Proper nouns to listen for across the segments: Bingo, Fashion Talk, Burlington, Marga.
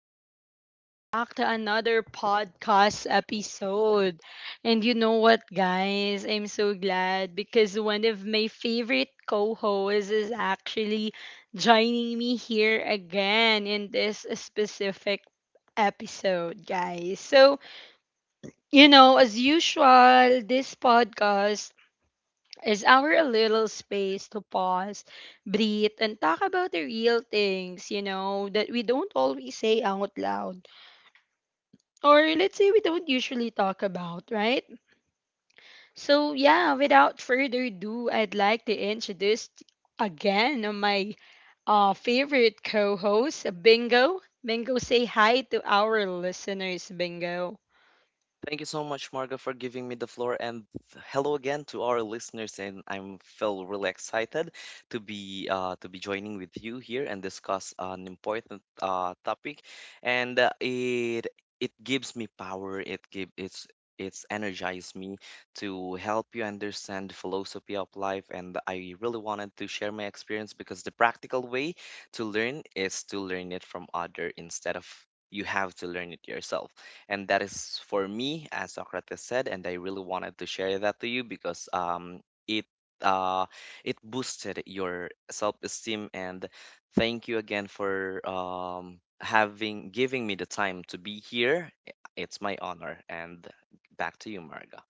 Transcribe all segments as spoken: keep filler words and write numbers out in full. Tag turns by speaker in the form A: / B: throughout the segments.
A: and welcome back to another podcast episode. And you know what, guys? I'm so glad because one of my favorite co hosts is actually joining me here again in this specific episode, guys. So, you know, as usual, this podcast is our little space to pause, breathe, and talk about the real things, you know, that we don't always say out loud. Or let's say we don't usually talk about, right? So, yeah, without further ado, I'd like to introduce again my uh, favorite co host, Bingo. Bingo, say hi to our listeners, Bingo.
B: Thank you so much, Marga, for giving me the floor. And hello again to our listeners. And I'm feel really excited to be uh, to be joining with you here and discuss an important uh, topic. And uh, it it gives me power. It give it's it's energized me to help you understand the philosophy of life. And I really wanted to share my experience because the practical way to learn is to learn it from other instead of you have to learn it yourself, and that is for me as Socrates said. And I really wanted to share that to you because um, it uh, it boosted your self-esteem. And thank you again for um, having giving me the time to be here. I- it's my honor. And back to you, Marga.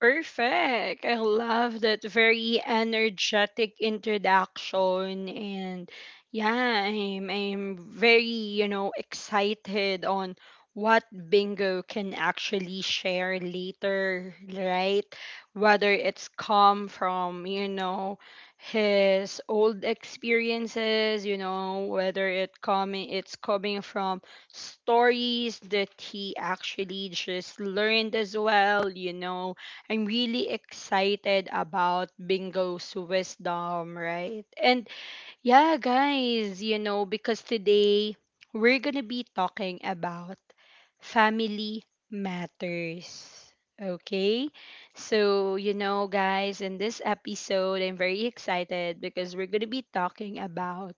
A: Perfect. I love that very energetic introduction and yeah, I'm I'm very, you know, excited on what bingo can actually share later, right? Whether it's come from, you know, his old experiences, you know, whether it coming it's coming from stories that he actually just learned as well, you know, I'm really excited about Bingo's wisdom, right? And yeah, guys, you know, because today we're going to be talking about family matters. Okay? So, you know, guys, in this episode, I'm very excited because we're going to be talking about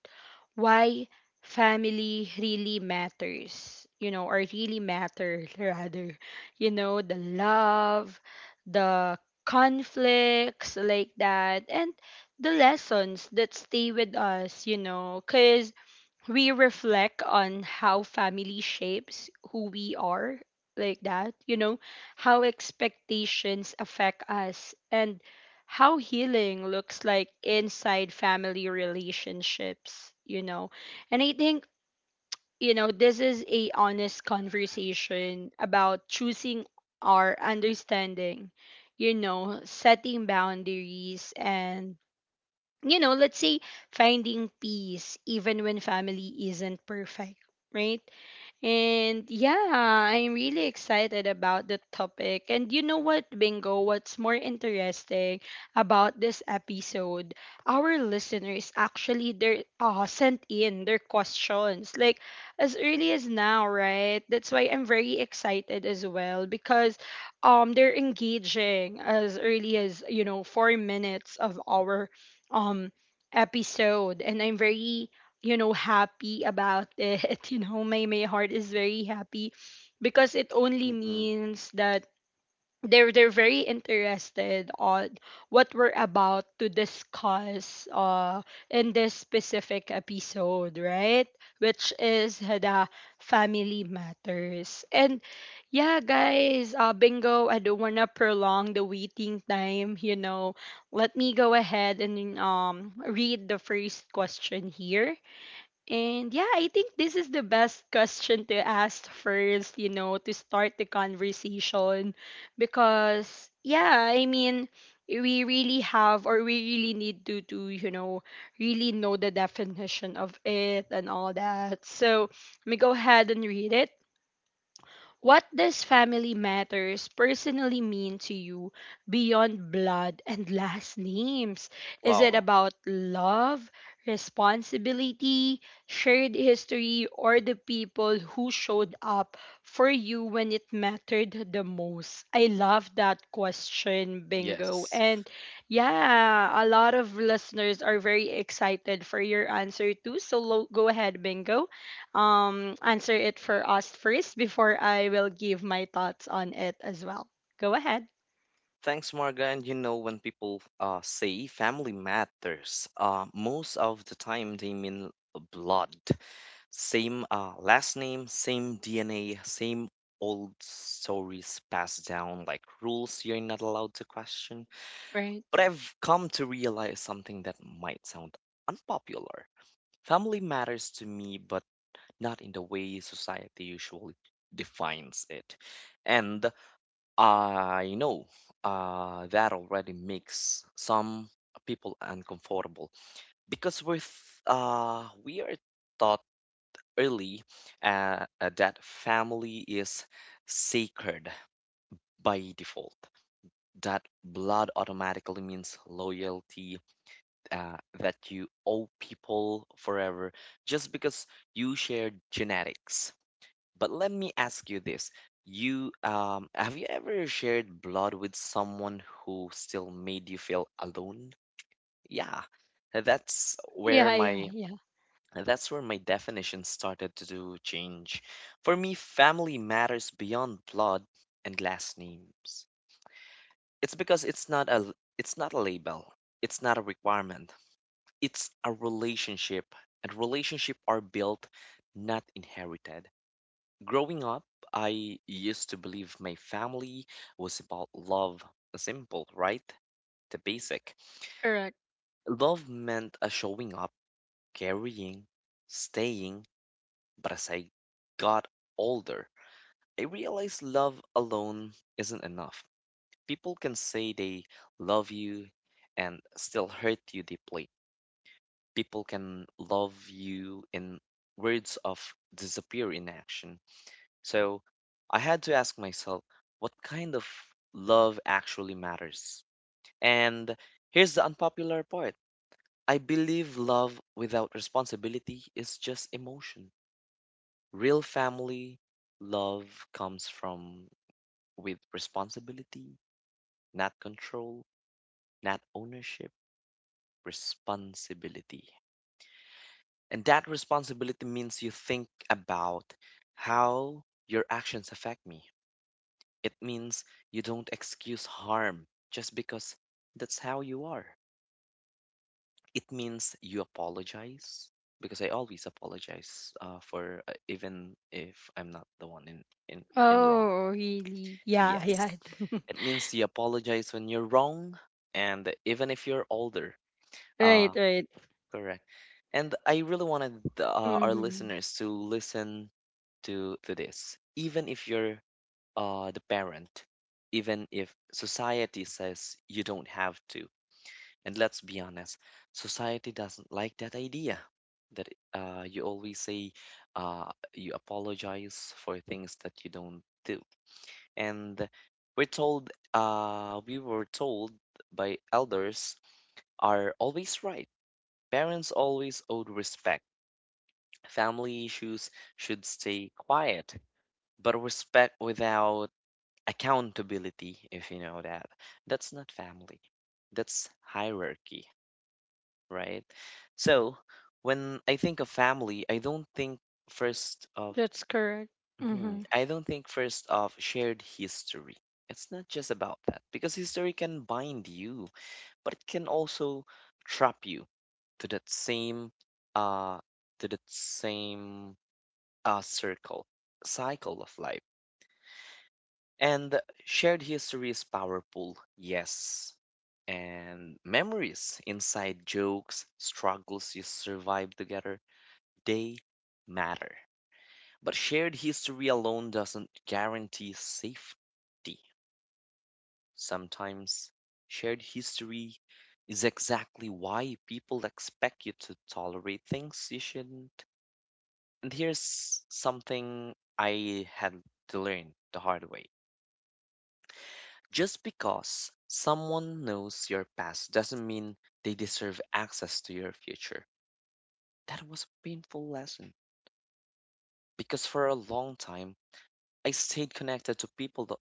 A: why family really matters, you know, or really matter rather. You know, the love, the conflicts like that, and the lessons that stay with us, you know, because we reflect on how family shapes who we are, like that, you know, how expectations affect us, and how healing looks like inside family relationships, you know. And I think, you know, this is a honest conversation about choosing our understanding, you know, setting boundaries and you know, let's say finding peace even when family isn't perfect, right? And yeah, I'm really excited about the topic. And you know what, Bingo, what's more interesting about this episode, our listeners actually they uh, sent in their questions like as early as now, right? That's why I'm very excited as well because um they're engaging as early as, you know, four minutes of our um episode and I'm very you know happy about it you know, my my heart is very happy because it only
B: Mm-mm.
A: means that they're they're very interested on what we're about to discuss uh in this specific episode, right, which is the family matters. And yeah, guys, uh bingo, I don't want to prolong the waiting time, you know. Let me go ahead and um read the first question here. And yeah, I think this is the best question to ask first, you know, to start the conversation. Because, yeah, I mean, we really have or we really need to, to, you know, really know the definition of it and all that. So let me go ahead and read it. What does family matters personally mean to you beyond blood and last names? Is it
B: Wow.
A: about love, responsibility, shared history, or the people who showed up for you when it mattered the most? I love that question, Bingo.
B: Yes,
A: And yeah, a lot of listeners are very excited for your answer too. So lo- go ahead, Bingo, um, answer it for us first before I will give my thoughts on it as well. Go ahead.
B: thanks, Marga. And you know, when people uh, say family matters, uh, most of the time they mean blood. Same uh, last name, same D N A, same old stories passed down like rules you're not allowed to question.
A: Right.
B: But I've come to realize something that might sound unpopular. Family matters to me, but not in the way society usually defines it. And I know uh, that already makes some people uncomfortable, because we're th- uh, we are taught early, uh, uh, that family is sacred by default. That blood automatically means loyalty, uh, that you owe people forever just because you share genetics. But let me ask you this. You um, have you ever shared blood with someone who still made you feel alone? Yeah, that's where
A: Yeah, yeah,
B: my
A: yeah.
B: and that's where my definition started to do change. For me, family matters beyond blood and last names. It's because it's not a it's not a label. It's not a requirement. It's a relationship, and relationship are built, not inherited. Growing up, I used to believe my family was about love. Simple, right? The basic.
A: Correct.
B: Love meant a showing up, carrying, staying. But as I got older, I realized love alone isn't enough. People can say they love you and still hurt you deeply. People can love you in words of disappear in action. So I had to ask myself, what kind of love actually matters? And here's the unpopular part. I believe love without responsibility is just emotion. Real family love comes from with responsibility, not control, not ownership, responsibility. And that responsibility means you think about how your actions affect me. It means you don't excuse harm just because that's how you are. It means you apologize because I always apologize uh, for uh, even if I'm not the one in in in wrong.
A: Oh, really? Yeah, yeah.
B: Yes. It means you apologize when you're wrong, and even if you're older.
A: Right,
B: Uh,
A: right.
B: correct. And I really wanted uh, our
A: Mm-hmm.
B: listeners to listen to to this. Even if you're uh, the parent, even if society says you don't have to. And let's be honest, society doesn't like that idea, that uh, you always say, uh, you apologize for things that you don't do. And we're told uh, we were told by elders are always right, parents always owed respect, family issues should stay quiet. But respect without accountability, if you know that, that's not family, that's hierarchy, right? So when I think of family, I don't think first of
A: That's correct. Mm-hmm.
B: Mhm. I don't think, first off, shared history. It's not just about that, because history can bind you, but it can also trap you to that same uh to that same uh circle cycle of life. And shared history is powerful, yes. And memories, inside jokes, struggles you survive together, they matter. But shared history alone doesn't guarantee safety. Sometimes shared history is exactly why people expect you to tolerate things you shouldn't. And here's something I had to learn the hard way. Just because someone knows your past doesn't mean they deserve access to your future. That was a painful lesson, because for a long time I stayed connected to people that-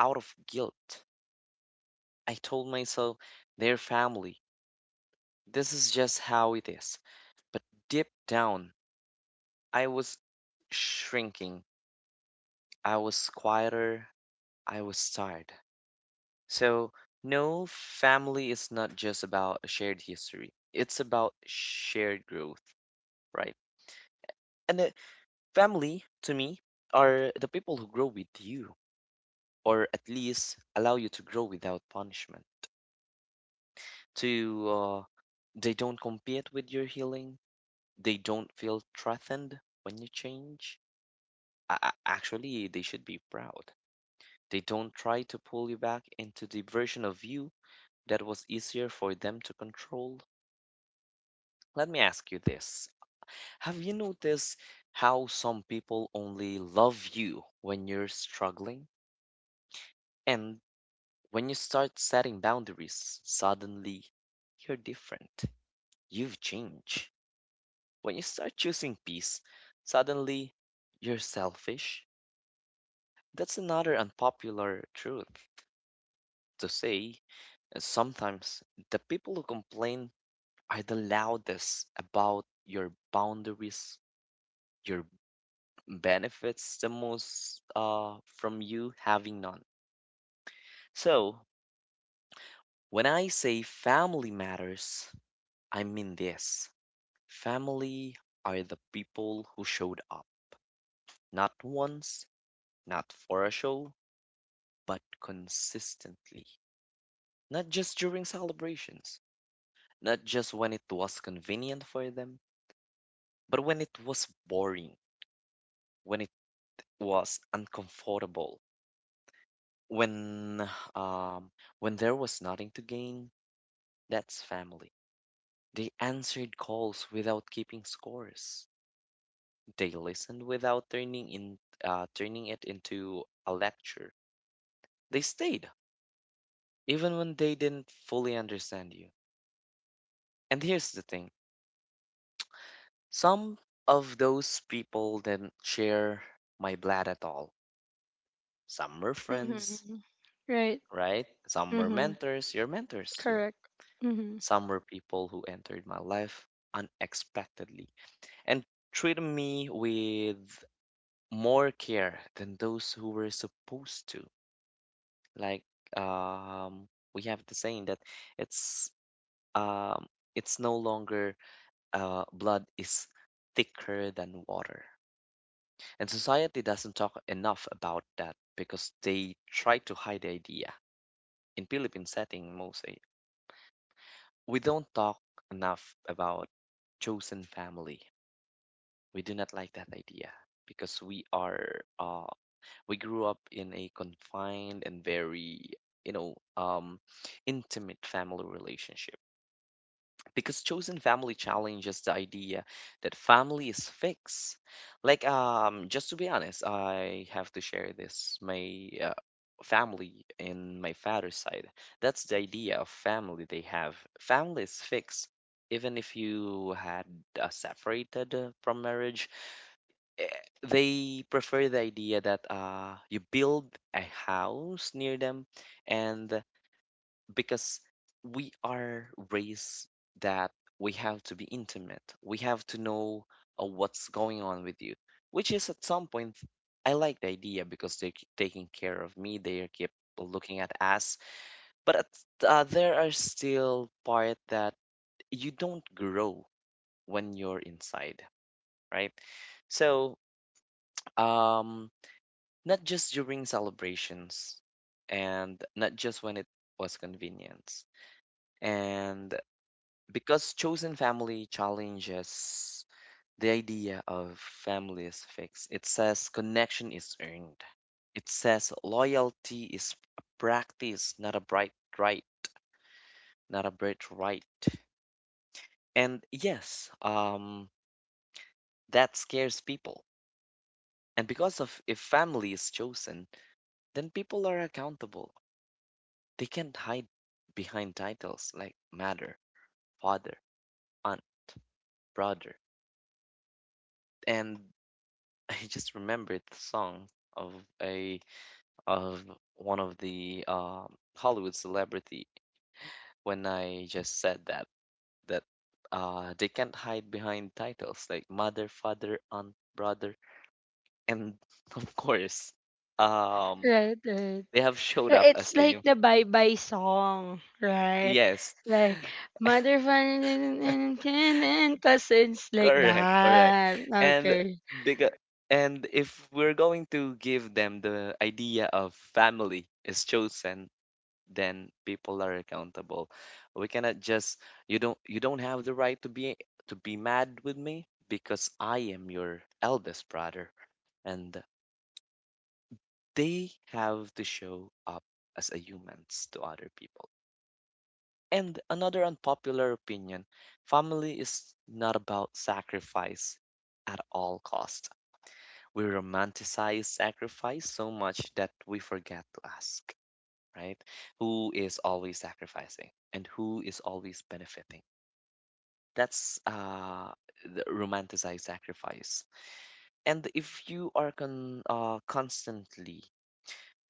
B: out of guilt. I told myself they're family. This is just how it is. But deep down, I was shrinking. I was quieter. I was tired. So no, family is not just about a shared history, it's about shared growth, right? And uh, family, to me, are the people who grow with you, or at least allow you to grow without punishment. To, uh, they don't compete with your healing, they don't feel threatened when you change. A- a- Actually, they should be proud. They don't try to pull you back into the version of you that was easier for them to control. Let me ask you this. Have you noticed how some people only love you when you're struggling? And when you start setting boundaries, suddenly you're different. You've changed. When you start choosing peace, suddenly you're selfish. That's another unpopular truth to say. And sometimes the people who complain are the loudest about your boundaries, your benefits the most uh, from you having none. So when I say family matters, I mean this. Family are the people who showed up, not once, not for a show, but consistently, not just during celebrations, not just when it was convenient for them, but when it was boring, when it was uncomfortable, when um, when there was nothing to gain. That's family. They answered calls without keeping scores. They listened without turning in uh, turning it into a lecture. They stayed even when they didn't fully understand you. And here's the thing: some of those people didn't share my blood at all. Some were friends,
A: Mm-hmm. Right.
B: right? Some were
A: Mm-hmm.
B: mentors, your mentors too.
A: Correct.
B: Some were people who entered my life unexpectedly and treated me with more care than those who were supposed to. Like um, we have the saying that it's um, it's no longer, uh, blood is thicker than water. And society doesn't talk enough about that because they try to hide the idea. In Philippine setting, most, we don't talk enough about chosen family. We do not like that idea because we are uh, we grew up in a confined and very you know um, intimate family relationship, because chosen family challenges the idea that family is fixed. Like um just to be honest, I have to share this. My uh, family in my father's side, that's the idea of family they have. Family is fixed, even if you had uh, separated uh, from marriage. Eh, they prefer the idea that uh, you build a house near them. And because we are raised that we have to be intimate. We have to know uh, what's going on with you, which is at some point, I like the idea, because they keep taking care of me. They keep looking at us. But at, uh, there are still part that you don't grow when you're inside, right? So, um, not just during celebrations, and not just when it was convenient, and because chosen family challenges the idea of family is fixed. It says connection is earned. It says loyalty is a practice, not a bright right, not a bright right. And yes, um, that scares people. And because of, if family is chosen, then people are accountable. They can't hide behind titles like mother, father, aunt, brother. And I just remembered the song of a of one of the um, Hollywood celebrity when I just said that, that uh, they can't hide behind titles like mother, father, aunt, brother, and of course, um,
A: Right, right.
B: they have showed
A: Uh,
B: up as
A: it's
B: a
A: like
B: youth.
A: the bye bye song, right?
B: Yes,
A: Like mother father, and kin and cousins like
B: correct, correct.
A: that.
B: And
A: Okay.
B: because, and if we're going to give them the idea of family is chosen, then people are accountable. We cannot just, you don't you don't have the right to be, to be mad with me because I am your eldest brother. And they have to show up as a humans to other people. And another unpopular opinion, family is not about sacrifice at all cost. We romanticize sacrifice so much that we forget to ask, right? Who is always sacrificing and who is always benefiting. That's uh, the romanticized sacrifice. And if you are con- uh, constantly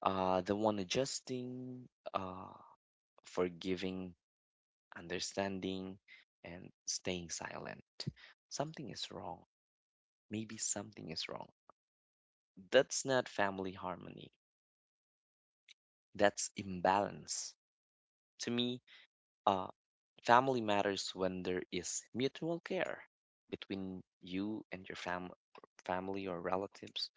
B: uh, the one adjusting, uh, forgiving, understanding, and staying silent, something is wrong. Maybe something is wrong. That's not family harmony. That's imbalance. To me, uh, family matters when there is mutual care between you and your fam- family or relatives.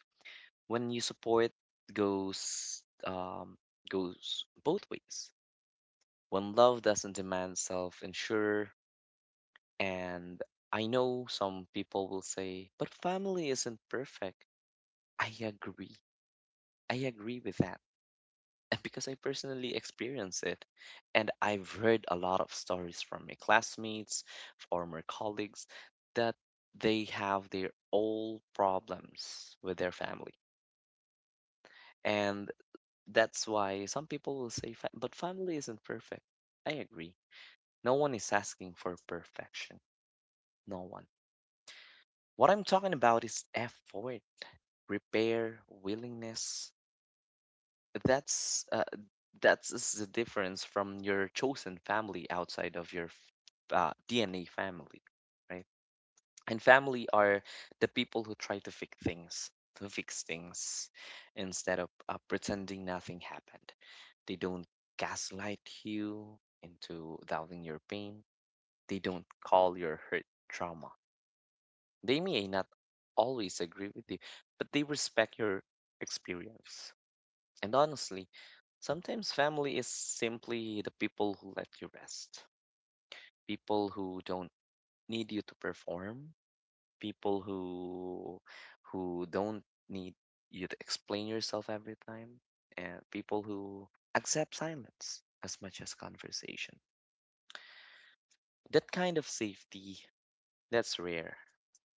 B: When you support goes um, goes both ways. When love doesn't demand self-insure. And I know some people will say, but family isn't perfect. I agree. I agree with that because I personally experience it. And I've heard a lot of stories from my classmates, former colleagues, that they have their own problems with their family. And that's why some people will say, fa- but family isn't perfect. I agree. No one is asking for perfection. No one. What I'm talking about is effort, repair, willingness. That's uh, that's is the difference from your chosen family outside of your f- uh, D N A family, right? And family are the people who try to fix things, to fix things, instead of uh, pretending nothing happened. They don't gaslight you into doubting your pain. They don't call your hurt trauma. They may not always agree with you, but they respect your experience. And honestly, sometimes family is simply the people who let you rest, people who don't need you to perform, people who who don't need you to explain yourself every time, and people who accept silence as much as conversation. That kind of safety, that's rare,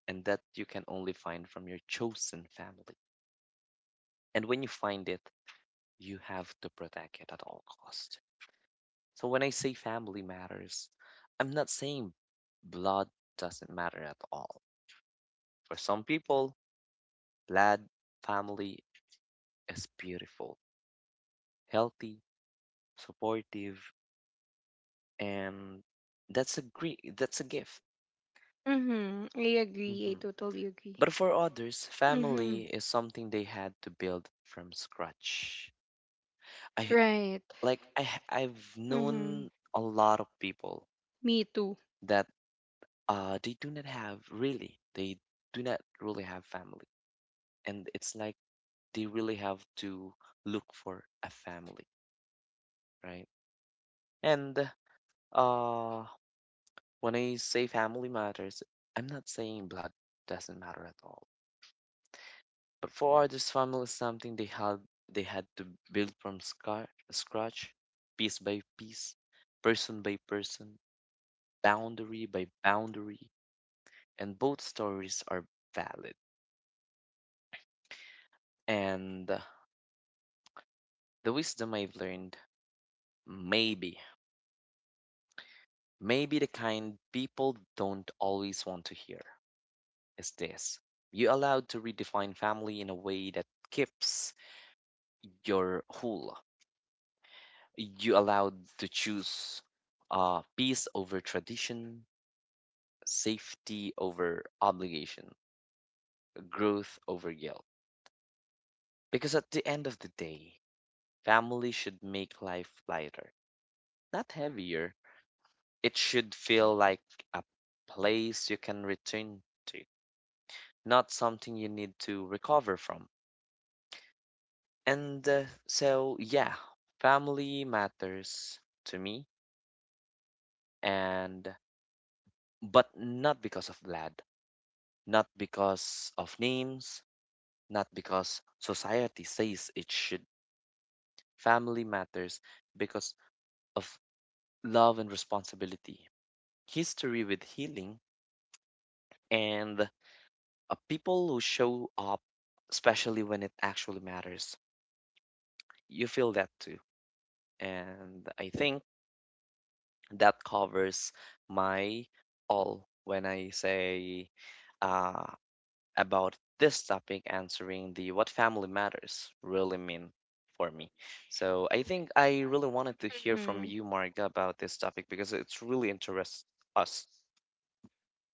B: and that you can only find from your chosen family. And when you find it, you have to protect it at all cost. So when I say family matters, I'm not saying blood doesn't matter at all. For some people, blood family is beautiful, healthy, supportive, and that's a great, that's a gift.
A: Mm-hmm. I agree. I
B: Mhm.
A: totally agree.
B: But for others,
A: Mm-hmm.
B: family is something they had to build from scratch. I
A: Right.
B: like I h- I've
A: Mm-hmm.
B: known a lot of people
A: Me too.
B: that uh they do not have really they do not really have family, and it's like they really have to look for a family, right? And uh, when I say family matters, I'm not saying blood doesn't matter at all. But for others, family is something they had they had to build from scar- scratch, piece by piece, person by person, boundary by boundary, and both stories are valid. And uh, the wisdom I've learned, maybe, maybe the kind people don't always want to hear, is this: you allowed to redefine family in a way that keeps your whole. You allowed to choose uh, peace over tradition, safety over obligation, growth over guilt. Because at the end of the day, family should make life lighter, not heavier. It should feel like a place you can return to, not something you need to recover from. And uh, so, yeah, family matters to me, and but not because of blood, not because of names, not because society says it should. Family matters because of love and responsibility, history with healing, and uh, people who show up, especially when it actually matters. You feel that too. And I think that covers my all when I say uh, about this topic, answering the what family matters really mean for me. So I think I really wanted to hear from
A: Mm-hmm.
B: you, Marga, about this topic because it's really interests us.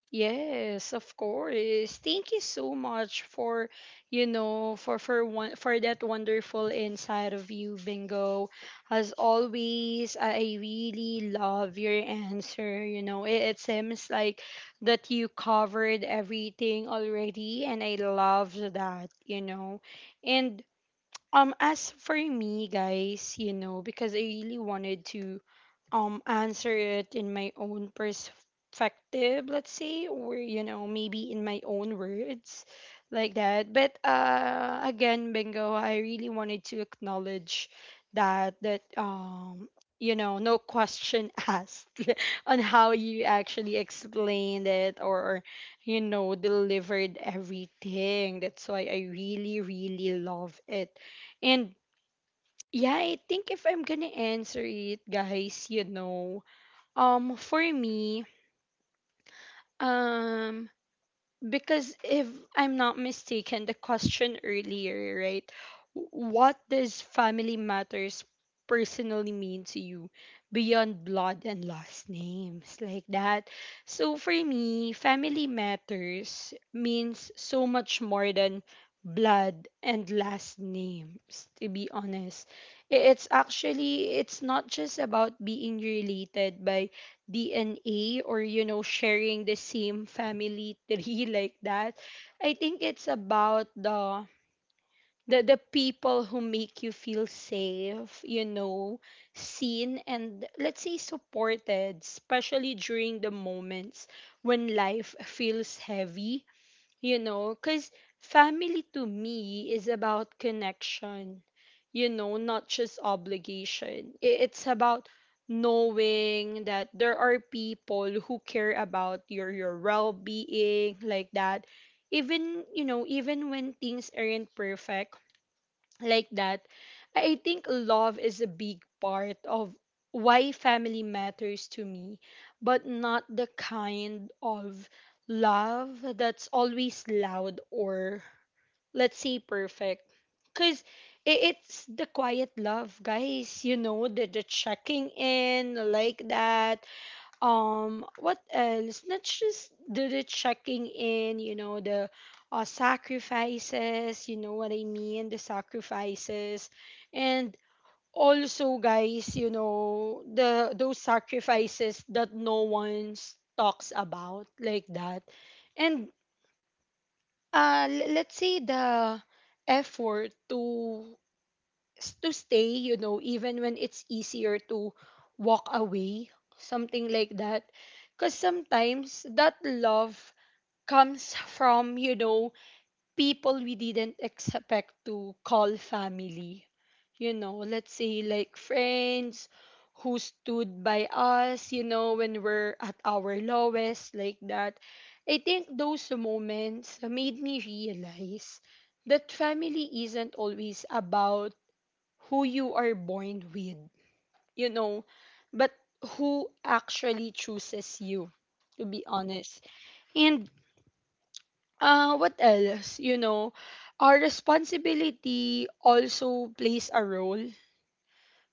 A: Yes, of course. Thank you so much for, you know, for for one for that wonderful inside of you, Bingo. As always, I really love your answer. You know, it, it seems like that you covered everything already, and I love that. You know, and um, as for me, guys, you know, because I really wanted to um answer it in my own perspective, let's say, or you know, maybe in my own words, like that. But uh, again, Bingo, I really wanted to acknowledge that that um, you know, no question asked on how you actually explained it or you know delivered everything. That's why I really really love it. And yeah, I think if I'm gonna answer it, guys, you know, um for me, um because if I'm not mistaken, the question earlier, right? What does family matters personally mean to you beyond blood and last names like that? So for me, family matters means so much more than blood and last names, to be honest. I- It's actually it's not just about being related by D N A or you know sharing the same family tree like that. I think it's about the the, the people who make you feel safe, you know, seen and let's say supported, especially during the moments when life feels heavy, you know, because family to me is about connection, you know, not just obligation. I- it's about knowing that there are people who care about your your well-being like that, even you know even when things aren't perfect like that. I think love is a big part of why family matters to me, but not the kind of love that's always loud or, let's say, perfect. Because it's the quiet love, guys, you know, the, the checking in like that. um what else, not just do the checking in, you know, the uh, sacrifices, you know what I mean, the sacrifices. And also guys, you know, the those sacrifices that no one talks about like that. And uh l- let's say the effort to s- to stay, you know, even when it's easier to walk away, something like that. Because sometimes that love comes from, you know, people we didn't expect to call family. You know, let's say like friends who stood by us, you know, when we're at our lowest, like that. I think those moments made me realize that family isn't always about who you are born with, you know, but who actually chooses you, to be honest. And uh, what else? You know, our responsibility also plays a role.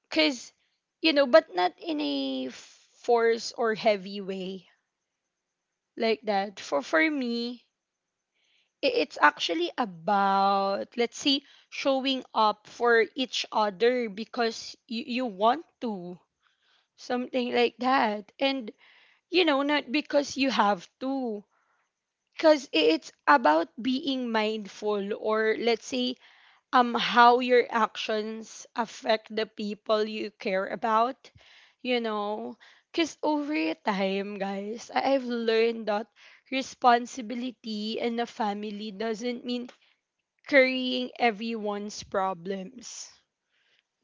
A: Because, you know, but not in a force or heavy way like that. For, for me, i- it's actually about, let's say, showing up for each other because you, you want to, something like that, and you know not because you have to. Because it's about being mindful or let's say um how your actions affect the people you care about, you know, because over time guys I- I've learned that responsibility in a family doesn't mean carrying everyone's problems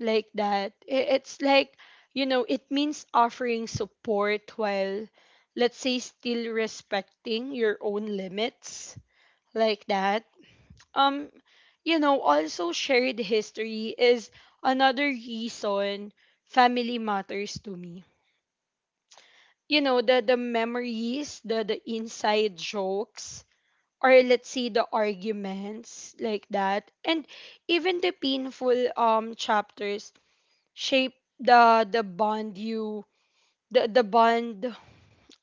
A: like that. I- It's like, you know, it means offering support while, let's say, still respecting your own limits, like that. Um, you know, also shared history is another reason family matters to me. You know, the, the memories, the, the inside jokes, or let's say the arguments, like that. And even the painful um chapters shape the the bond you the the bond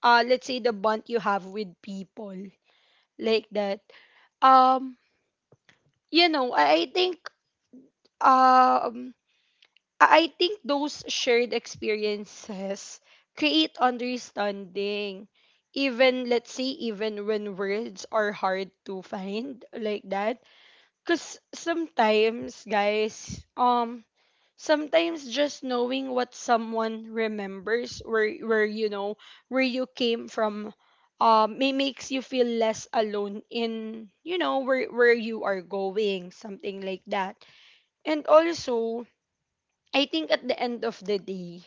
A: uh let's say the bond you have with people like that. um you know i, I think um i I think those shared experiences create understanding even let's say even when words are hard to find like that. Because sometimes guys, um sometimes just knowing what someone remembers, where where you know where you came from, um may makes you feel less alone in you know where where you are going, something like that. And also I think at the end of the day,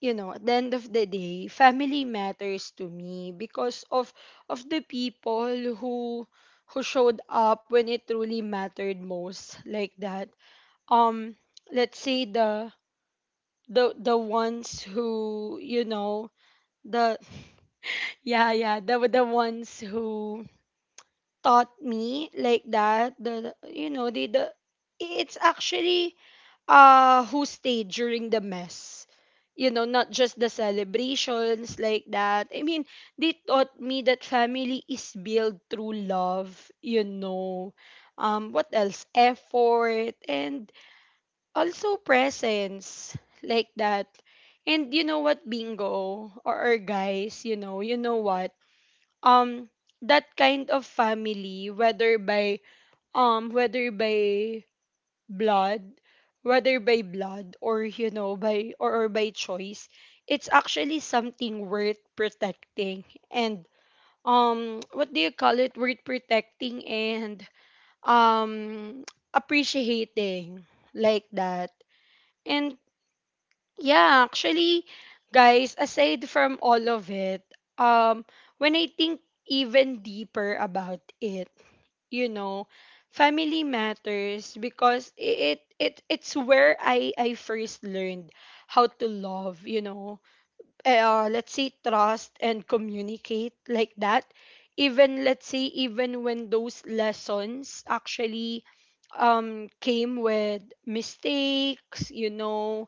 A: you know at the end of the day, family matters to me because of of the people who who showed up when it truly mattered most like that. Um, let's say the the the ones who you know the yeah yeah, the the ones who taught me like that, the you know they the it's actually uh who stayed during the mess, you know, not just the celebrations, like that. I mean, they taught me that family is built through love, you know, um what else, effort and also presents, like that. And you know what, bingo or, or guys, you know, you know what? Um that kind of family, whether by um whether by blood, whether by blood or you know by or, or by choice, it's actually something worth protecting and um what do you call it, worth protecting and um appreciating like that. And yeah, actually, guys, aside from all of it, um, when I think even deeper about it, you know, family matters because it it it's where I I first learned how to love, you know, uh, let's say trust and communicate like that. Even let's say even when those lessons actually um came with mistakes, you know,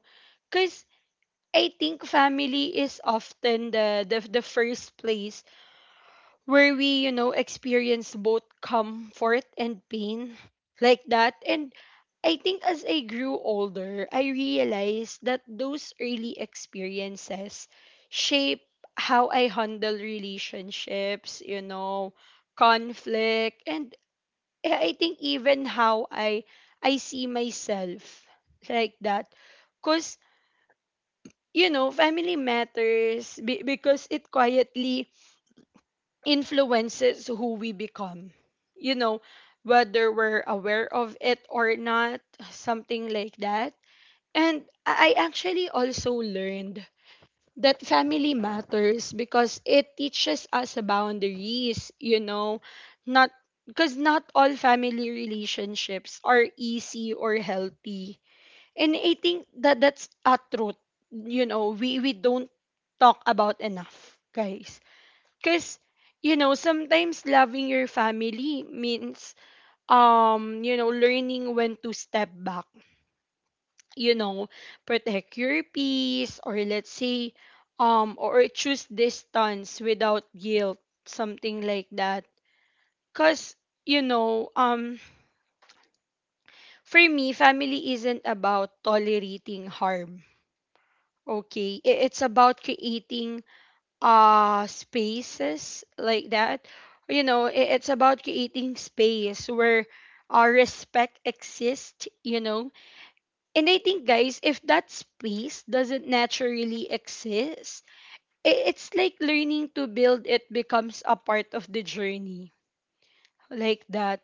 A: because I think family is often the, the the first place where we, you know, experience both comfort and pain like that. And I think as I grew older, I realized that those early experiences shape how I handle relationships, you know, conflict, and I I think even how I I see myself like that. Cause you know, family matters be- because it quietly influences who we become. You know, whether we're aware of it or not, something like that. And I I actually also learned that family matters because it teaches us boundaries, you know, not because not all family relationships are easy or healthy. And I think that that's a truth. You know, we we don't talk about enough, guys. Cause you know, sometimes loving your family means um, you know, learning when to step back, you know, protect your peace, or let's say um or choose distance without guilt, something like that. Cause you know, um for me, family isn't about tolerating harm. Okay, i- it's about creating uh spaces like that. You know, i- it's about creating space where our respect exists, you know. And I think, guys, if that space doesn't naturally exist, i- it's like learning to build it becomes a part of the journey like that.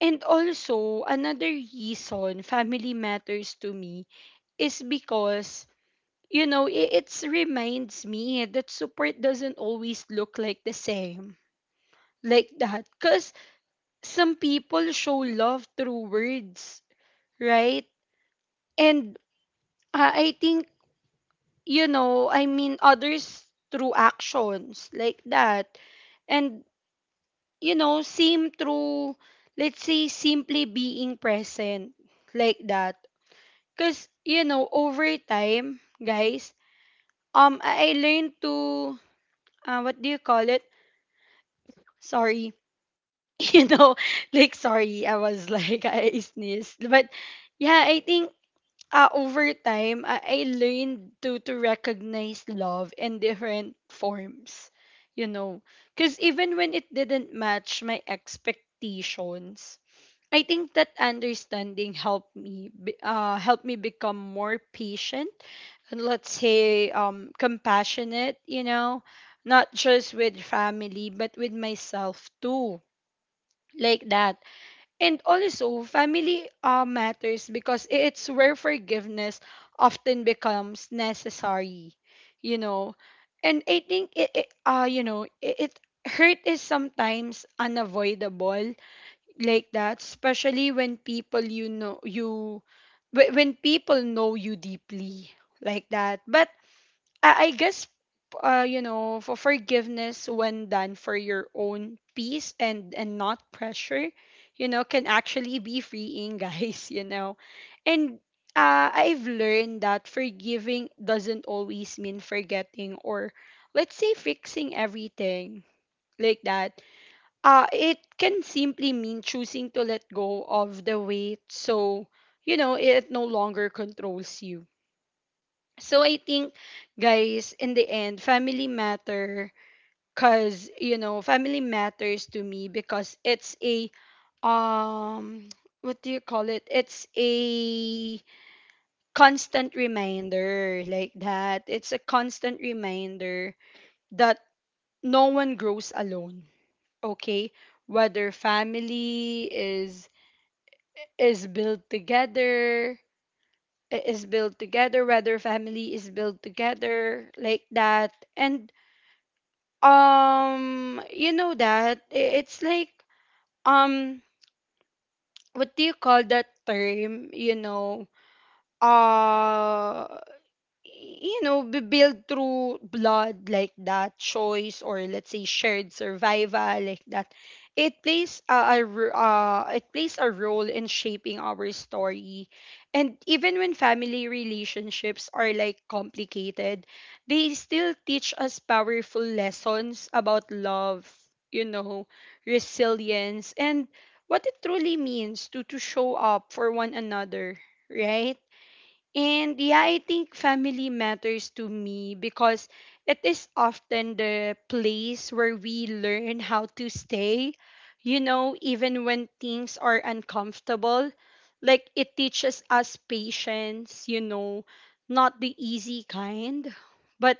A: And also, another reason family matters to me is because, you know, it, it reminds me that support doesn't always look like the same, like that. Because some people show love through words, right? And uh, I think, you know, I mean, others through actions, like that. And, you know, same through, let's say, simply being present, like that. Because, you know, over time, guys, um, I I learned to, uh, what do you call it? Sorry. You know, like sorry I was like I sneezed, but yeah, I think uh, over time, I, I learned to to recognize love in different forms, you know, because even when it didn't match my expectations, I think that understanding helped me be- uh helped me become more patient and, let's say, um compassionate, you know, not just with family but with myself too, like that. And also family uh, matters because i- it's where forgiveness often becomes necessary, you know. And I think it, it uh you know it, it hurt is sometimes unavoidable, like that, especially when people you know you wh- when people know you deeply, like that. But I, I guess uh, you know, for forgiveness when done for your own peace and and not pressure, you know, can actually be freeing. Guys, you know. And uh, I've learned that forgiving doesn't always mean forgetting or, let's say, fixing everything, like that. Uh, it can simply mean choosing to let go of the weight so, you know, it no longer controls you. So I think, guys, in the end, family matter because, you know, family matters to me because it's a um what do you call it, it's a constant reminder, like that. It's a constant reminder that no one grows alone, okay, whether family is is built together I- is built together whether family is built together, like that. And Um, you know that i- it's like um, what do you call that term? You know, uh, you know, be built through blood, like that, choice, or, let's say, shared survival, like that. It plays a, a r- uh, it plays a role in shaping our story, and even when family relationships are like complicated, they still teach us powerful lessons about love, you know, resilience, and what it truly means to to show up for one another, right? And yeah, I think family matters to me because it is often the place where we learn how to stay, you know, even when things are uncomfortable. Like, it teaches us patience, you know, not the easy kind, but,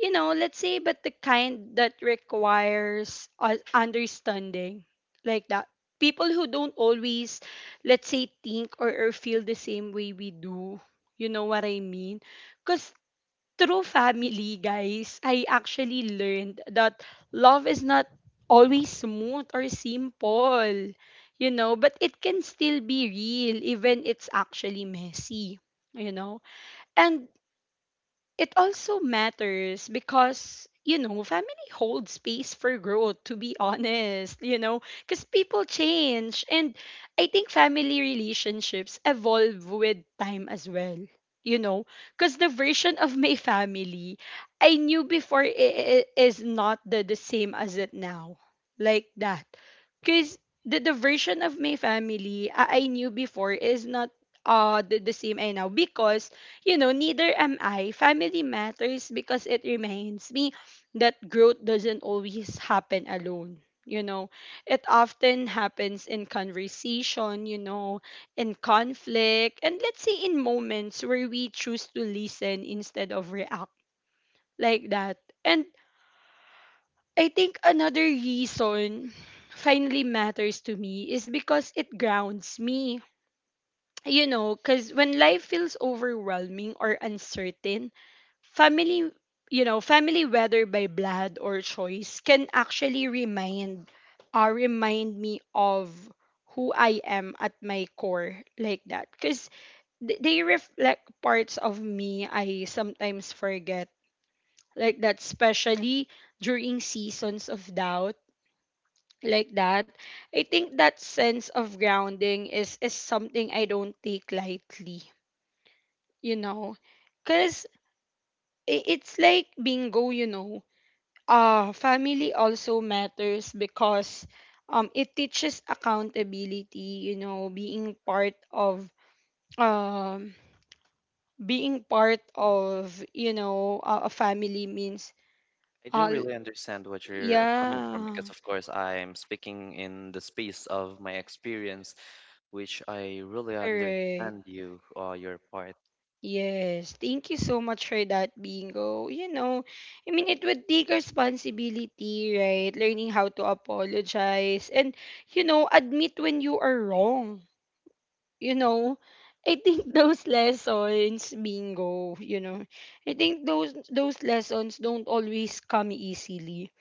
A: you know, let's say, but the kind that requires u- understanding, like that. People who don't always, let's say, think or, or feel the same way we do. You know what I mean? Because through family, guys, I actually learned that love is not always smooth or simple, you know, but it can still be real, even it's actually messy, you know? And it also matters because, you know, family holds space for growth to be honest, you know, because people change, and I think family relationships evolve with time as well, you know, because the version of my family I knew before i- i- is not the, the same as it now, like that. Because the, the version of my family I, I knew before is not uh the, the same I now, because, you know, neither am I. Family matters because it reminds me that growth doesn't always happen alone. You know, it often happens in conversation, you know, in conflict, and, let's say, in moments where we choose to listen instead of react, like that. And I think another reason finally matters to me is because it grounds me, you know, because when life feels overwhelming or uncertain, family, you know, family, whether by blood or choice, can actually remind, uh, remind me of who I am at my core, like that. Because they reflect parts of me I sometimes forget, like that, especially during seasons of doubt, like that. I think that sense of grounding is is something I don't take lightly, you know, because it's like, bingo, you know. Uh family also matters because um it teaches accountability, you know, being part of um being part of you know, a a family means
B: I do
A: uh
B: really understand what you're coming from
A: yeah,
B: because, of course, I'm speaking in the space of my experience, which I really
A: correct.
B: understand you, uh, your part.
A: Yes, thank you so much for that, Bingo. You know, I mean, it would take responsibility, right? Learning how to apologize and, you know, admit when you are wrong. You know, I think those lessons, Bingo, you know, I think those those lessons don't always come easily,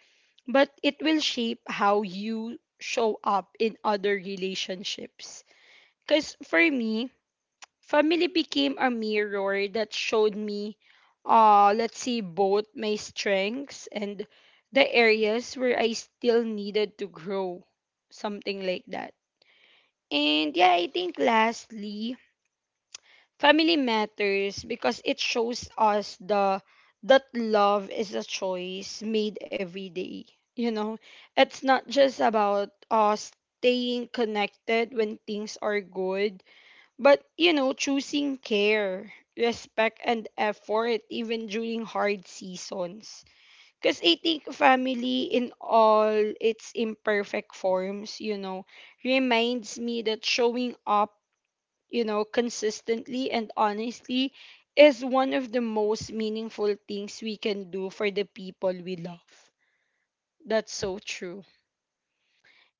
A: but it will shape how you show up in other relationships. Because for me, family became a mirror that showed me, uh, let's see, both my strengths and the areas where I still needed to grow. Something like that. And yeah, I think lastly, family matters because it shows us the that love is a choice made every day. You know, it's not just about uh, staying connected when things are good, but, you know, choosing care, respect, and effort even during hard seasons. Because I think family in all its imperfect forms, you know, reminds me that showing up, you know, consistently and honestly is one of the most meaningful things we can do for the people we love. That's so true.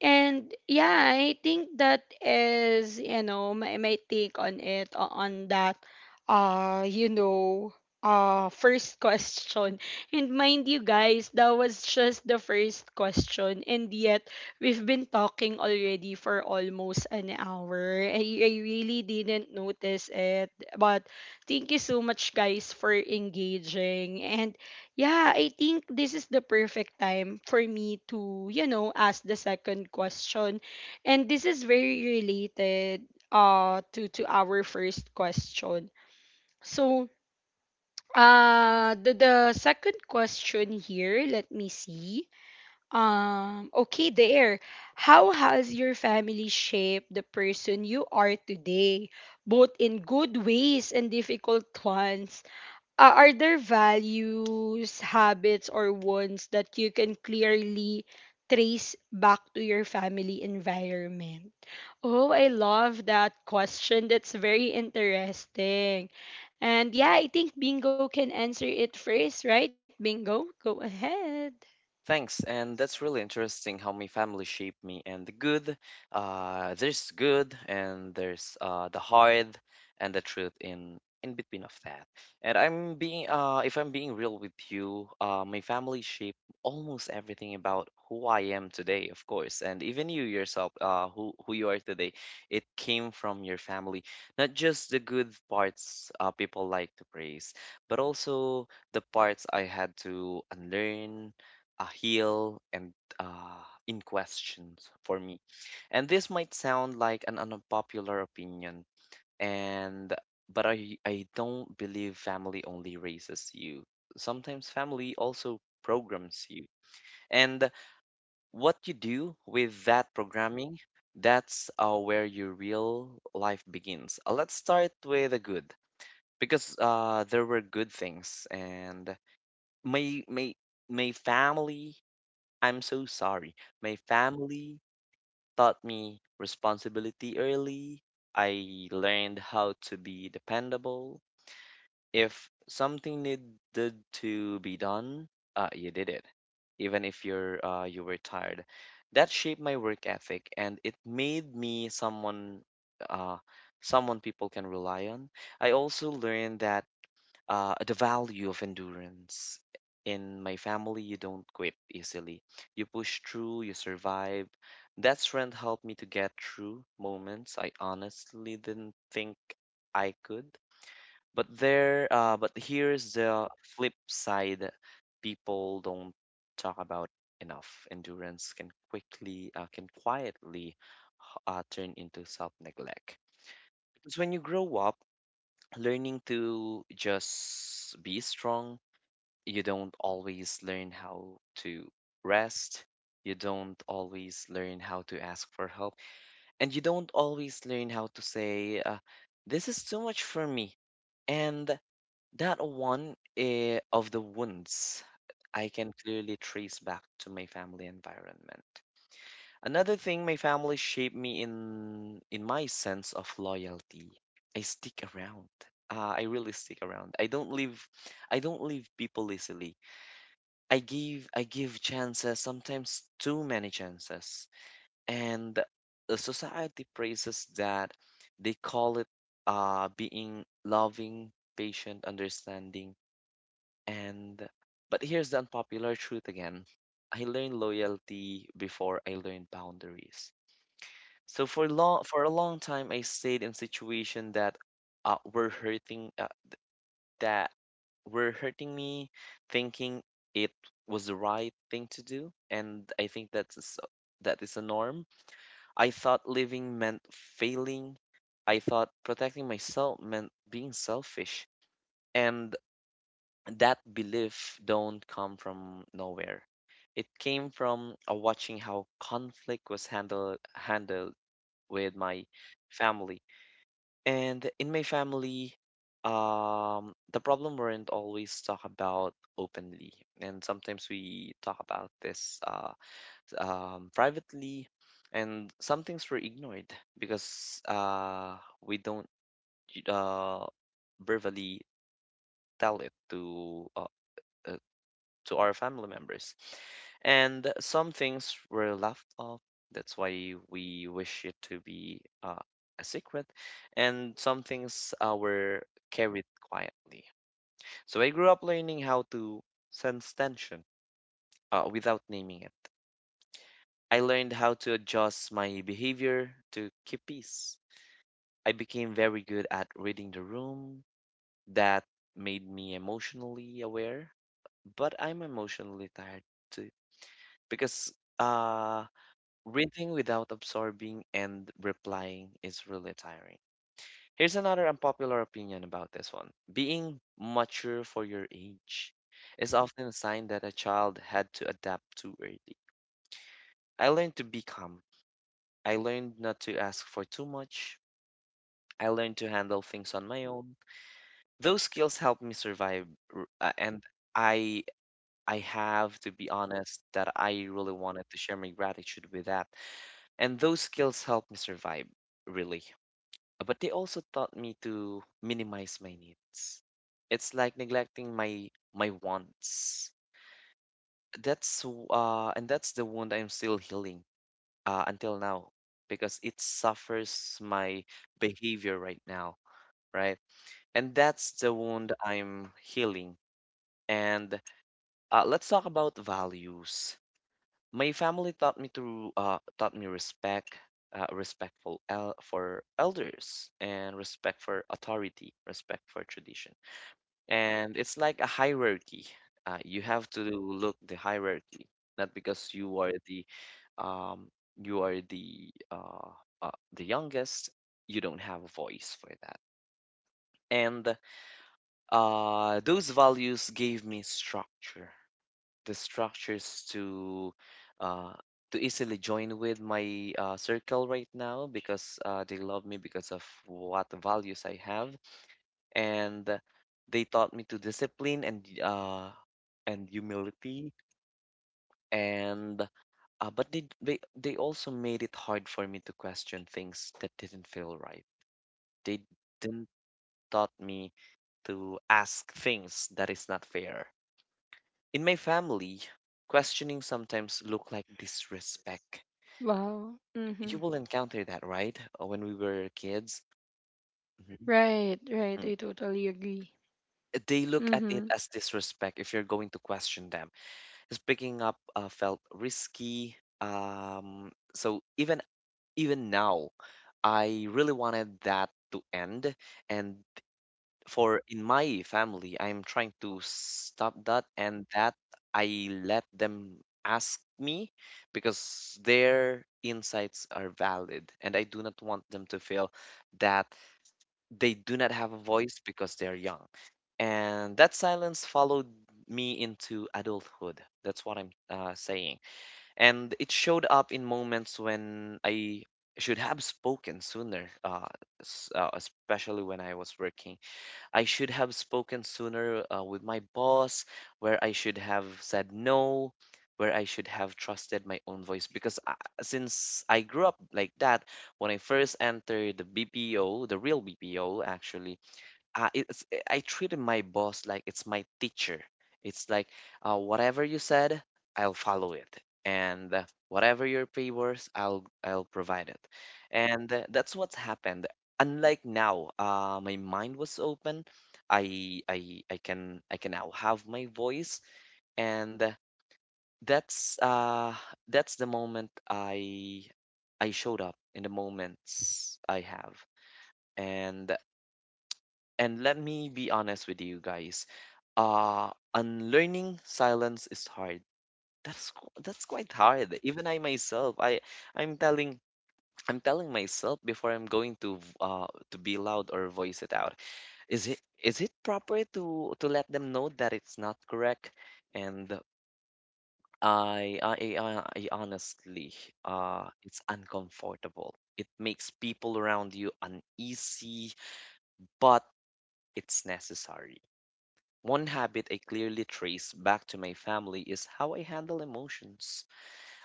A: And yeah, I think that is, you know, my, my take on it, o- on that, uh, you know, uh, first question. And mind you, guys, that was just the first question. And yet, we've been talking already for almost an hour. I, I really didn't notice it. But thank you so much, guys, for engaging. And yeah, I think this is the perfect time for me to, you know, ask the second question. And this is very related uh to to our first question. So, uh the the second question here, let me see. Um okay, there. How has your family shaped the person you are today, both in good ways and difficult ones? Uh, are there values, habits, or wants that you can clearly trace back to your family environment? Oh, I love that question. That's very interesting. And yeah, I think Bingo can answer it first, right? Bingo, go ahead.
B: Thanks, and that's really interesting how my family shaped me. And the good, uh, there's good, and there's uh, the hard, and the truth in in between of that. And I'm being, uh, if I'm being real with you, uh, my family shaped almost everything about who I am today, of course, and even you yourself, uh, who who you are today. It came from your family, not just the good parts uh, people like to praise, but also the parts I had to unlearn a heel and uh, in questions for me. And this might sound like an unpopular opinion, and but I I don't believe family only raises you. Sometimes family also programs you, and what you do with that programming. That's uh, where your real life begins. Uh, let's start with the good, because uh, there were good things, and my my my family I'm so sorry. My family taught me responsibility early. I learned how to be dependable. If something needed to be done, uh, you did it, even if you're uh, you were tired. That shaped my work ethic, and it made me someone uh, someone people can rely on. I also learned that uh, the value of endurance. In my family, you don't quit easily. You push through, you survive. That strength helped me to get through moments I honestly didn't think I could. But there, uh, but here's the flip side people don't talk about enough. Endurance can quickly, uh, can quietly uh, turn into self-neglect. Because when you grow up, learning to just be strong, you don't always learn how to rest. You don't always learn how to ask for help. And you don't always learn how to say, uh, this is too much for me. And that one eh, of the wounds I can clearly trace back to my family environment. Another thing, my family shaped me in in my sense of loyalty. I stick around. Uh, I really stick around. I don't leave. I don't leave people easily. I give I give chances, sometimes too many chances. And the society praises that. They call it uh being loving, patient, understanding, and but here's the unpopular truth again. I learned loyalty before I learned boundaries. So for long for a long time I stayed in situation that uh, were hurting uh, that were hurting me, thinking it was the right thing to do, and I think that's a s- that is a norm. I thought living meant failing. I thought protecting myself meant being selfish, and that belief don't come from nowhere. It came from uh, watching how conflict was handled handled with my family, and in my family, um, the problem weren't always talked about openly, and sometimes we talk about this uh, um, privately, and some things were ignored because uh, we don't uh, verbally tell it to uh, to our family members. And some things were left off. That's why we wish it to be uh, a secret. And some things uh, were carried quietly. So I grew up learning how to sense tension uh, without naming it. I learned how to adjust my behavior to keep peace. I became very good at reading the room. That made me emotionally aware, but I'm emotionally tired too because uh reading without absorbing and replying is really tiring. Here's another unpopular opinion about this one. Being mature for your age is often a sign that a child had to adapt too early. I learned to be calm. I learned not to ask for too much. I learned to handle things on my own. Those skills helped me survive, r- uh, and I I have to be honest that I really wanted to share my gratitude with that. And those skills helped me survive, really. But they also taught me to minimize my needs. It's like neglecting my my wants. That's w- uh and that's the wound I'm still healing uh until now because it suffers my behavior right now, right? And that's the wound I'm healing. And uh, let's talk about values. My family taught me to uh, taught me respect, uh, respectful el- for elders, and respect for authority, respect for tradition. And it's like a hierarchy. Uh, you have to look the hierarchy, not because you are the um, you are the uh, uh, the youngest. You don't have a voice for that. And uh, those values gave me structure, the structures to uh, to easily join with my uh, circle right now because uh, they love me because of what values I have, and they taught me to discipline and uh, and humility and uh, but they, they they also made it hard for me to question things that didn't feel right. They didn't taught me to ask things that is not fair. In my family, questioning sometimes look like disrespect.
A: Wow. Mm-hmm.
B: You will encounter that, right? Uh, when we were kids, mhm,
A: Right, right. I
B: mm,
A: totally agree.
B: they look at
A: Mm-hmm.
B: it as disrespect if you're going to question them. Is picking up uh, felt risky. Um, so even even now, I really wanted that to end, and for in my family, I'm trying to stop that and that I let them ask me because their insights are valid and I do not want them to feel that they do not have a voice because they're young. And that silence followed me into adulthood. That's what I'm uh, saying. And it showed up in moments when I should have spoken sooner, uh, s- uh, especially when I was working I should have spoken sooner uh, with my boss, where I should have said no, where I should have trusted my own voice. Because I, since I grew up like that, when I first entered the B P O, the real B P O actually, uh, it's eh, I treated my boss like it's my teacher. It's like uh, whatever you said, I'll follow it, and uh, whatever your pay was, I'll I'll provide it, and uh, that's what's happened. Unlike now, uh, my mind was open. I I I can I can now have my voice, and uh, that's uh that's the moment I I showed up in the moments I have, and and let me be honest with you guys. Uh, unlearning silence is hard. That's qu- that's quite hard. Even I myself, I I'm telling I'm telling myself before I'm going to v- uh to be loud or voice it out. Is it is it proper to to let them know that it's not correct? And I I I, I honestly uh it's uncomfortable. It makes people around you uneasy, but it's necessary. One habit I clearly trace back to my family is how I handle emotions,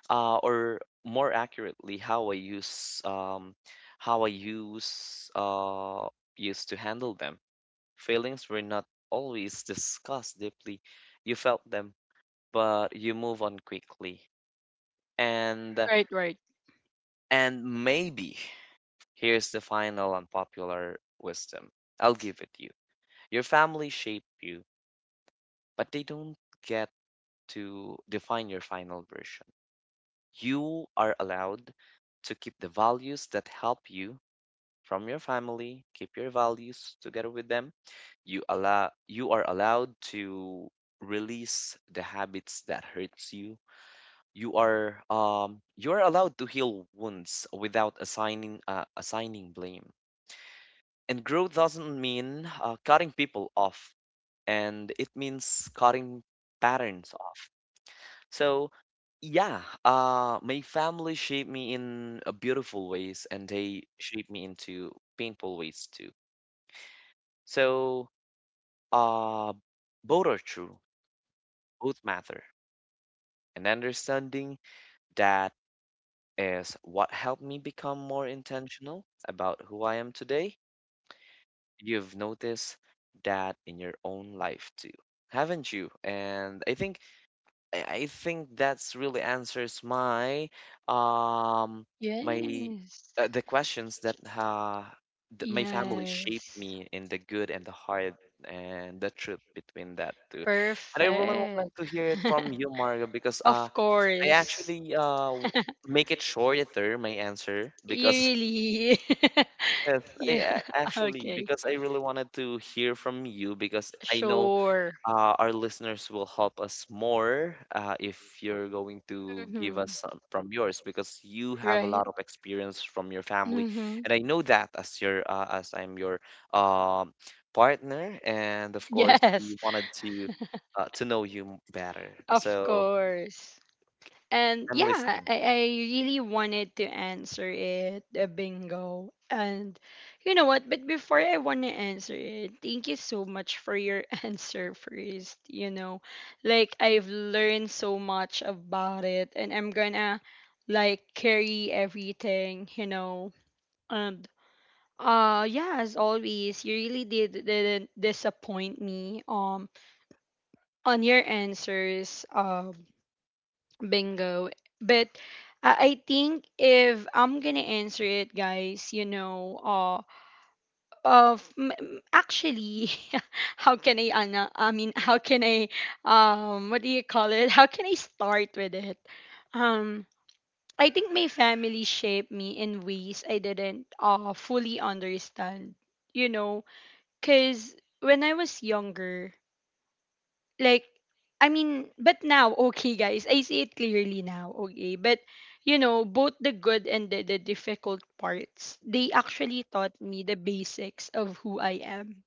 B: uh, or more accurately, how I use um, how I use uh, used to handle them. Feelings were not always discussed deeply. You felt them, but you move on quickly. And
A: Right, right.
B: and maybe here's the final unpopular wisdom. I'll give it you. Your family shaped you, but they don't get to define your final version. You are allowed to keep the values that help you from your family, keep your values together with them. You allow you are allowed to release the habits that hurts you. You are um you are allowed to heal wounds without assigning uh, assigning blame. And growth doesn't mean uh, cutting people off, and it means cutting patterns off. So, yeah, uh, my family shaped me in a beautiful ways, and they shaped me into painful ways too. So, uh, both are true, both matter, and understanding that is what helped me become more intentional about who I am today. You've noticed that in your own life too, haven't you? And I think I I think that's really answers my um my
A: Yes.
B: uh, the questions
A: Ch-
B: that uh, th- my family shaped
A: Yes.
B: me in the good and the hard and the truth between that two. And I really wanted
A: Perfect.
B: to hear it from you, Mario, because
A: Of
B: uh I
A: course.
B: actually uh w- make it shorter my answer
A: You
B: because
A: really.
B: yes, I
A: Yeah.
B: a- actually
A: Okay.
B: because I really wanted to hear from you because I know
A: Sure.
B: uh, our listeners will help us more uh, if you're going to give
A: Mm-hmm.
B: us some from yours because you have a
A: Right.
B: lot of experience from your family,
A: Mm-hmm.
B: and I know that as your uh, as I'm your um, partner, and of course
A: Yes.
B: we wanted to uh, to know you m- better.
A: Of
B: So
A: course. And
B: I'm
A: yeah,
B: listening.
A: I, I really wanted to answer it, the bingo. And you know what? But before I want to answer it, thank you so much for your answer first. You know, like, I've learned so much about it, and I'm gonna like carry everything, you know. And uh, yeah, as always, you really did didn't disappoint me. Um, on your answers. Um Bingo. But uh, I think if I'm gonna answer it, guys, you know, uh, of m- m- actually, how can I, ana- I mean, how can I, um, what do you call it? How can I start with it? Um, I think my family shaped me in ways I didn't uh fully understand, you know, cause when I was younger, like, I mean, but now okay, guys, I see it clearly now, okay? But you know, both the good and the, the difficult parts, they actually taught me the basics of who I am.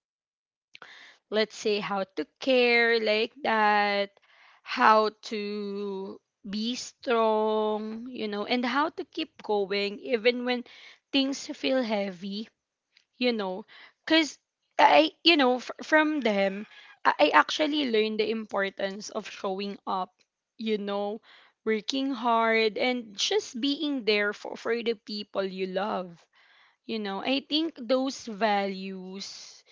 A: Let's say how to care, like that, how to be strong, you know, and how to keep going even when things feel heavy, you know, because I, you know, f- from them I-, I actually learned the importance of showing up, you know, working hard, and just being there for, for the people you love. You know, I think those values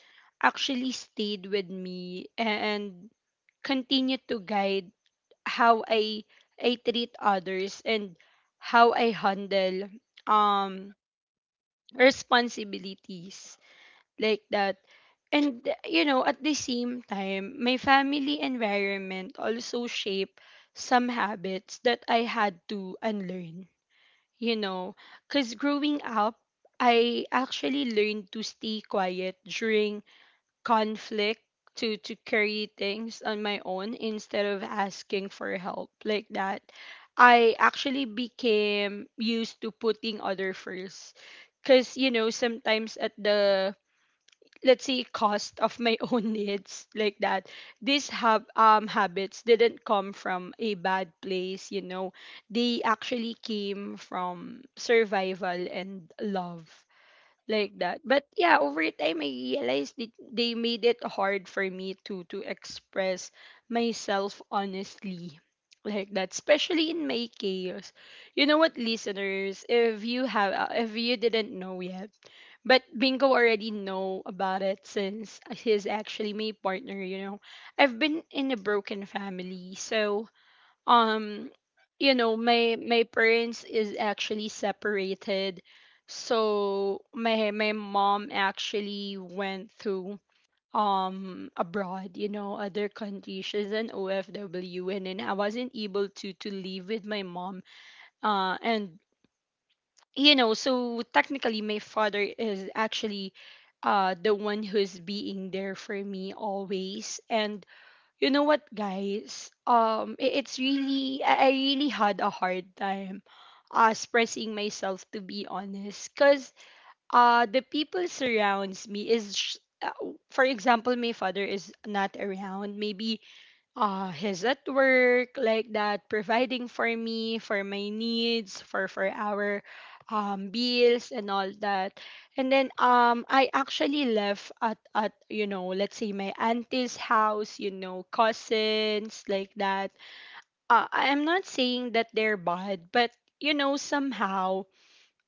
A: actually stayed with me and continue to guide how I i treat others and how I handle um responsibilities, like that. And you know, at the same time, my family environment also shaped some habits that I had to unlearn. You know, cuz growing up, I actually learned to stay quiet during conflict to to carry things on my own instead of asking for help like that. I actually became used to putting other first cuz you know, sometimes at the, let's say, cost of my own needs like that. These hab- um habits didn't come from a bad place, you know, they actually came from survival and love like that. But yeah, over time I realized that they made it hard for me to to express myself honestly, like that, especially in my chaos. You know what, listeners, if you have uh, if you didn't know yet, but Bingo already know about it since he's actually my partner, you know. I've been in a broken family. So, um, you know, my my parents is actually separated. So, my my mom actually went to um abroad, you know, other countries. She's an O F W and then I wasn't able to to live with my mom. Uh and you know, so technically, my father is actually uh, the one who's being there for me always. And you know what, guys? Um, i- it's really, I I really had a hard time uh, expressing myself, to be honest, because uh, the people surrounds me is, sh- uh, for example, my father is not around. Maybe uh his at work like that, providing for me, for my needs, for for our um bills and all that. And then um I actually left at at you know, let's say my auntie's house, you know, cousins like that. uh, I'm not saying that they're bad, but you know, somehow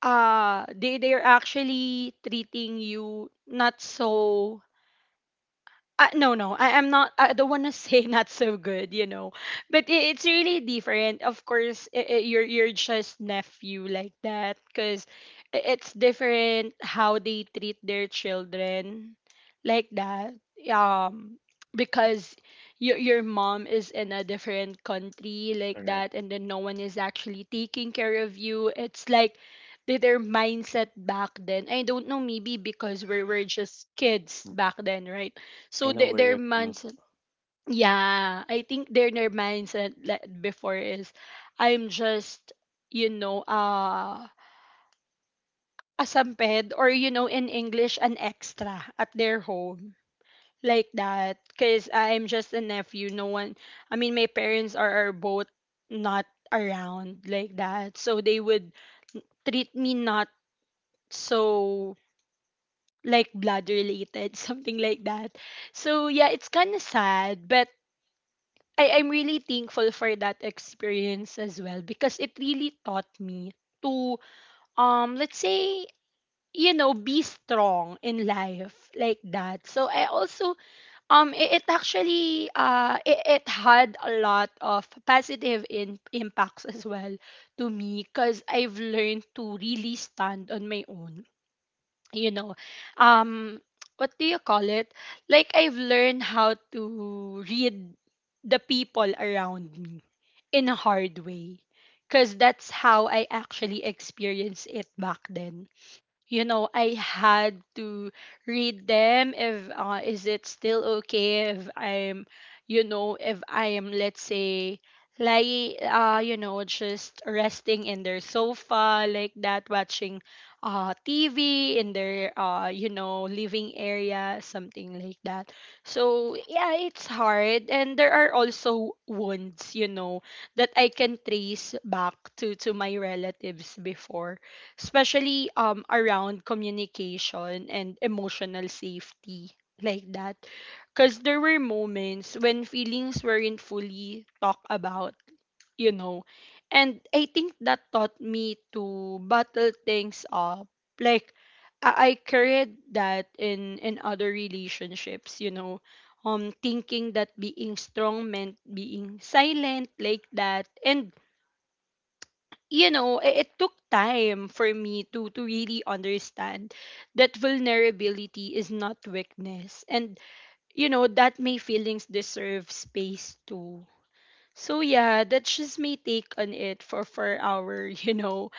A: uh they they're actually treating you not so uh, no, no, I, I'm not. I don't want to say not so good, you know, but I it's really different. Of course, i i- you're you're just nephew like that, cause it's different how they treat their children, like that. Um, because your your mom is in a different country like
B: Correct.
A: that, and then no one is actually taking care of you. It's like the- their mindset back then. I don't know, maybe because we were just kids
B: Mm,
A: back then, right?
B: I
A: So
B: know
A: their
B: where
A: their
B: you're coming.
A: mindset, yeah, I think their their mindset like before is, I'm just, you know, uh, a samped, or you know, in English, an extra at their home like that. Cause I'm just a nephew. No one, I mean, my parents are, are both not around like that, so they would treat me not so like blood related, something like that. So yeah, it's kind of sad, but I I'm really thankful for that experience as well because it really taught me to, um let's say, you know, be strong in life like that. So I also um it, it actually uh it, it had a lot of positive in, impacts as well to me because I've learned to really stand on my own, you know. um what do you call it, like I've learned how to read the people around me in a hard way because that's how I actually experienced it back then. You know, I had to read them if uh, is it still okay if I'm, you know, if I am, let's say, like uh you know, just resting in their sofa like that, watching uh TV in their uh you know, living area, something like that. So yeah, it's hard, and there are also wounds, you know, that I can trace back to to my relatives before, especially um around communication and emotional safety like that, because there were moments when feelings weren't fully talked about, you know. And I think that taught me to bottle things up, like i, I carried that in in other relationships, you know. Um thinking that being strong meant being silent like that. And you know, it, it took time for me to to really understand that vulnerability is not weakness, and you know, that my feelings deserve space too. So yeah, that's just my take on it for for our, you know,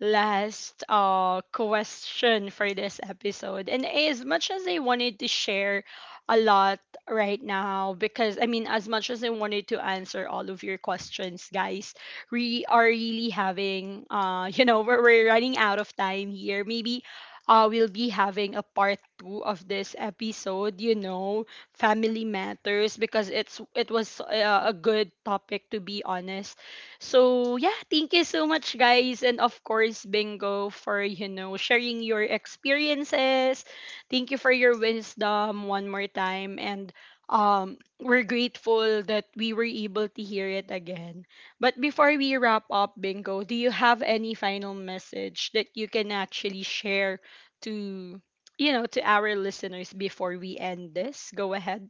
A: last uh question for this episode. And as much as I wanted to share a lot right now, because I mean, as much as I wanted to answer all of your questions, guys, we are really having uh, you know, we're, we're running out of time here. Maybe uh, we'll be having a part two of this episode, you know, family matters, because it's it was uh, a good topic, to be honest. So yeah, thank you so much guys, and of course Bingo, for you know, sharing your experiences. Thank you for your wisdom one more time, and um we're grateful that we were able to hear it again. But before we wrap up, Bingo, do you have any final message that you can actually share to, you know, to our listeners before we end this? Go ahead.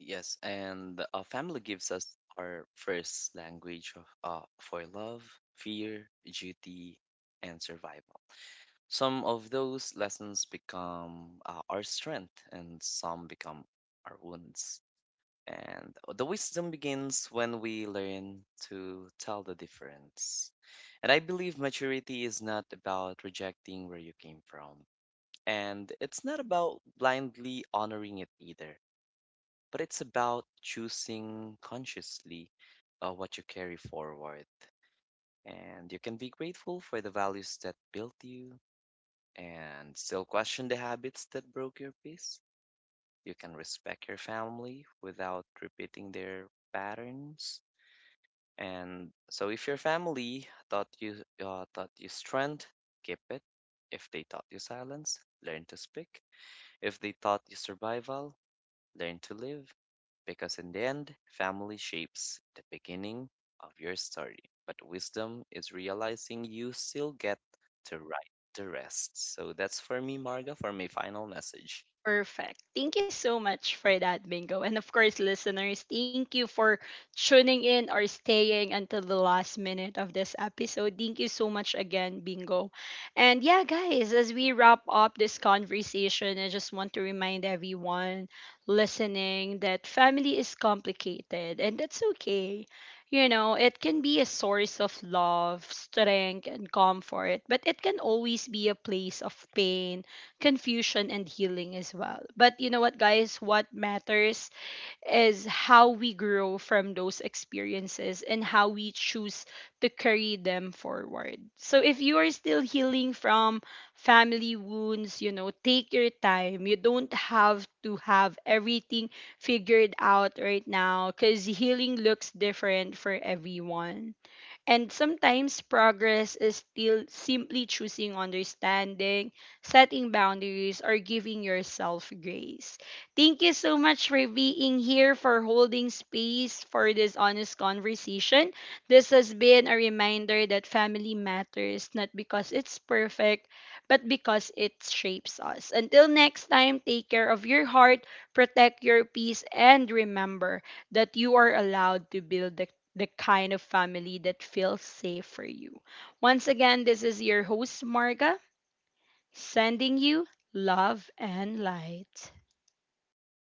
B: Yes, and uh, family gives us our first language of uh, for love, fear, duty, and survival. Some of those lessons become uh, our strength, and some become our wounds. And the wisdom begins when we learn to tell the difference. And I believe maturity is not about rejecting where you came from, and it's not about blindly honoring it either, but it's about choosing consciously uh, what you carry forward. And you can be grateful for the values that built you and still question the habits that broke your peace. You can respect your family without repeating their patterns. And so, if your family taught you uh, taught you strength, keep it. If they taught you silence, learn to speak. If they taught you survival, learn to live because in the end, family shapes the beginning of your story. But wisdom is realizing you still get to write the rest. So that's for me, Marga, for my final message.
A: Perfect. Thank you so much for that, Bingo. And of course, listeners, thank you for tuning in or staying until the last minute of this episode. Thank you so much again, Bingo. And yeah, guys, as we wrap up this conversation, I just want to remind everyone listening that family is complicated, and that's okay. You know, it can be a source of love, strength, and comfort, but it can always be a place of pain, confusion, and healing as well. But you know what, guys? What matters is how we grow from those experiences and how we choose to carry them forward. So if you are still healing from family wounds, you know, take your time. You don't have to have everything figured out right now, because healing looks different for everyone. And sometimes progress is still simply choosing understanding, setting boundaries, or giving yourself grace. Thank you so much for being here, for holding space for this honest conversation. This has been a reminder that family matters, not because it's perfect, but because it shapes us. Until next time, take care of your heart, protect your peace, and remember that you are allowed to build the the kind of family that feels safe for you. Once again, this is your host, Marga, sending you love and light.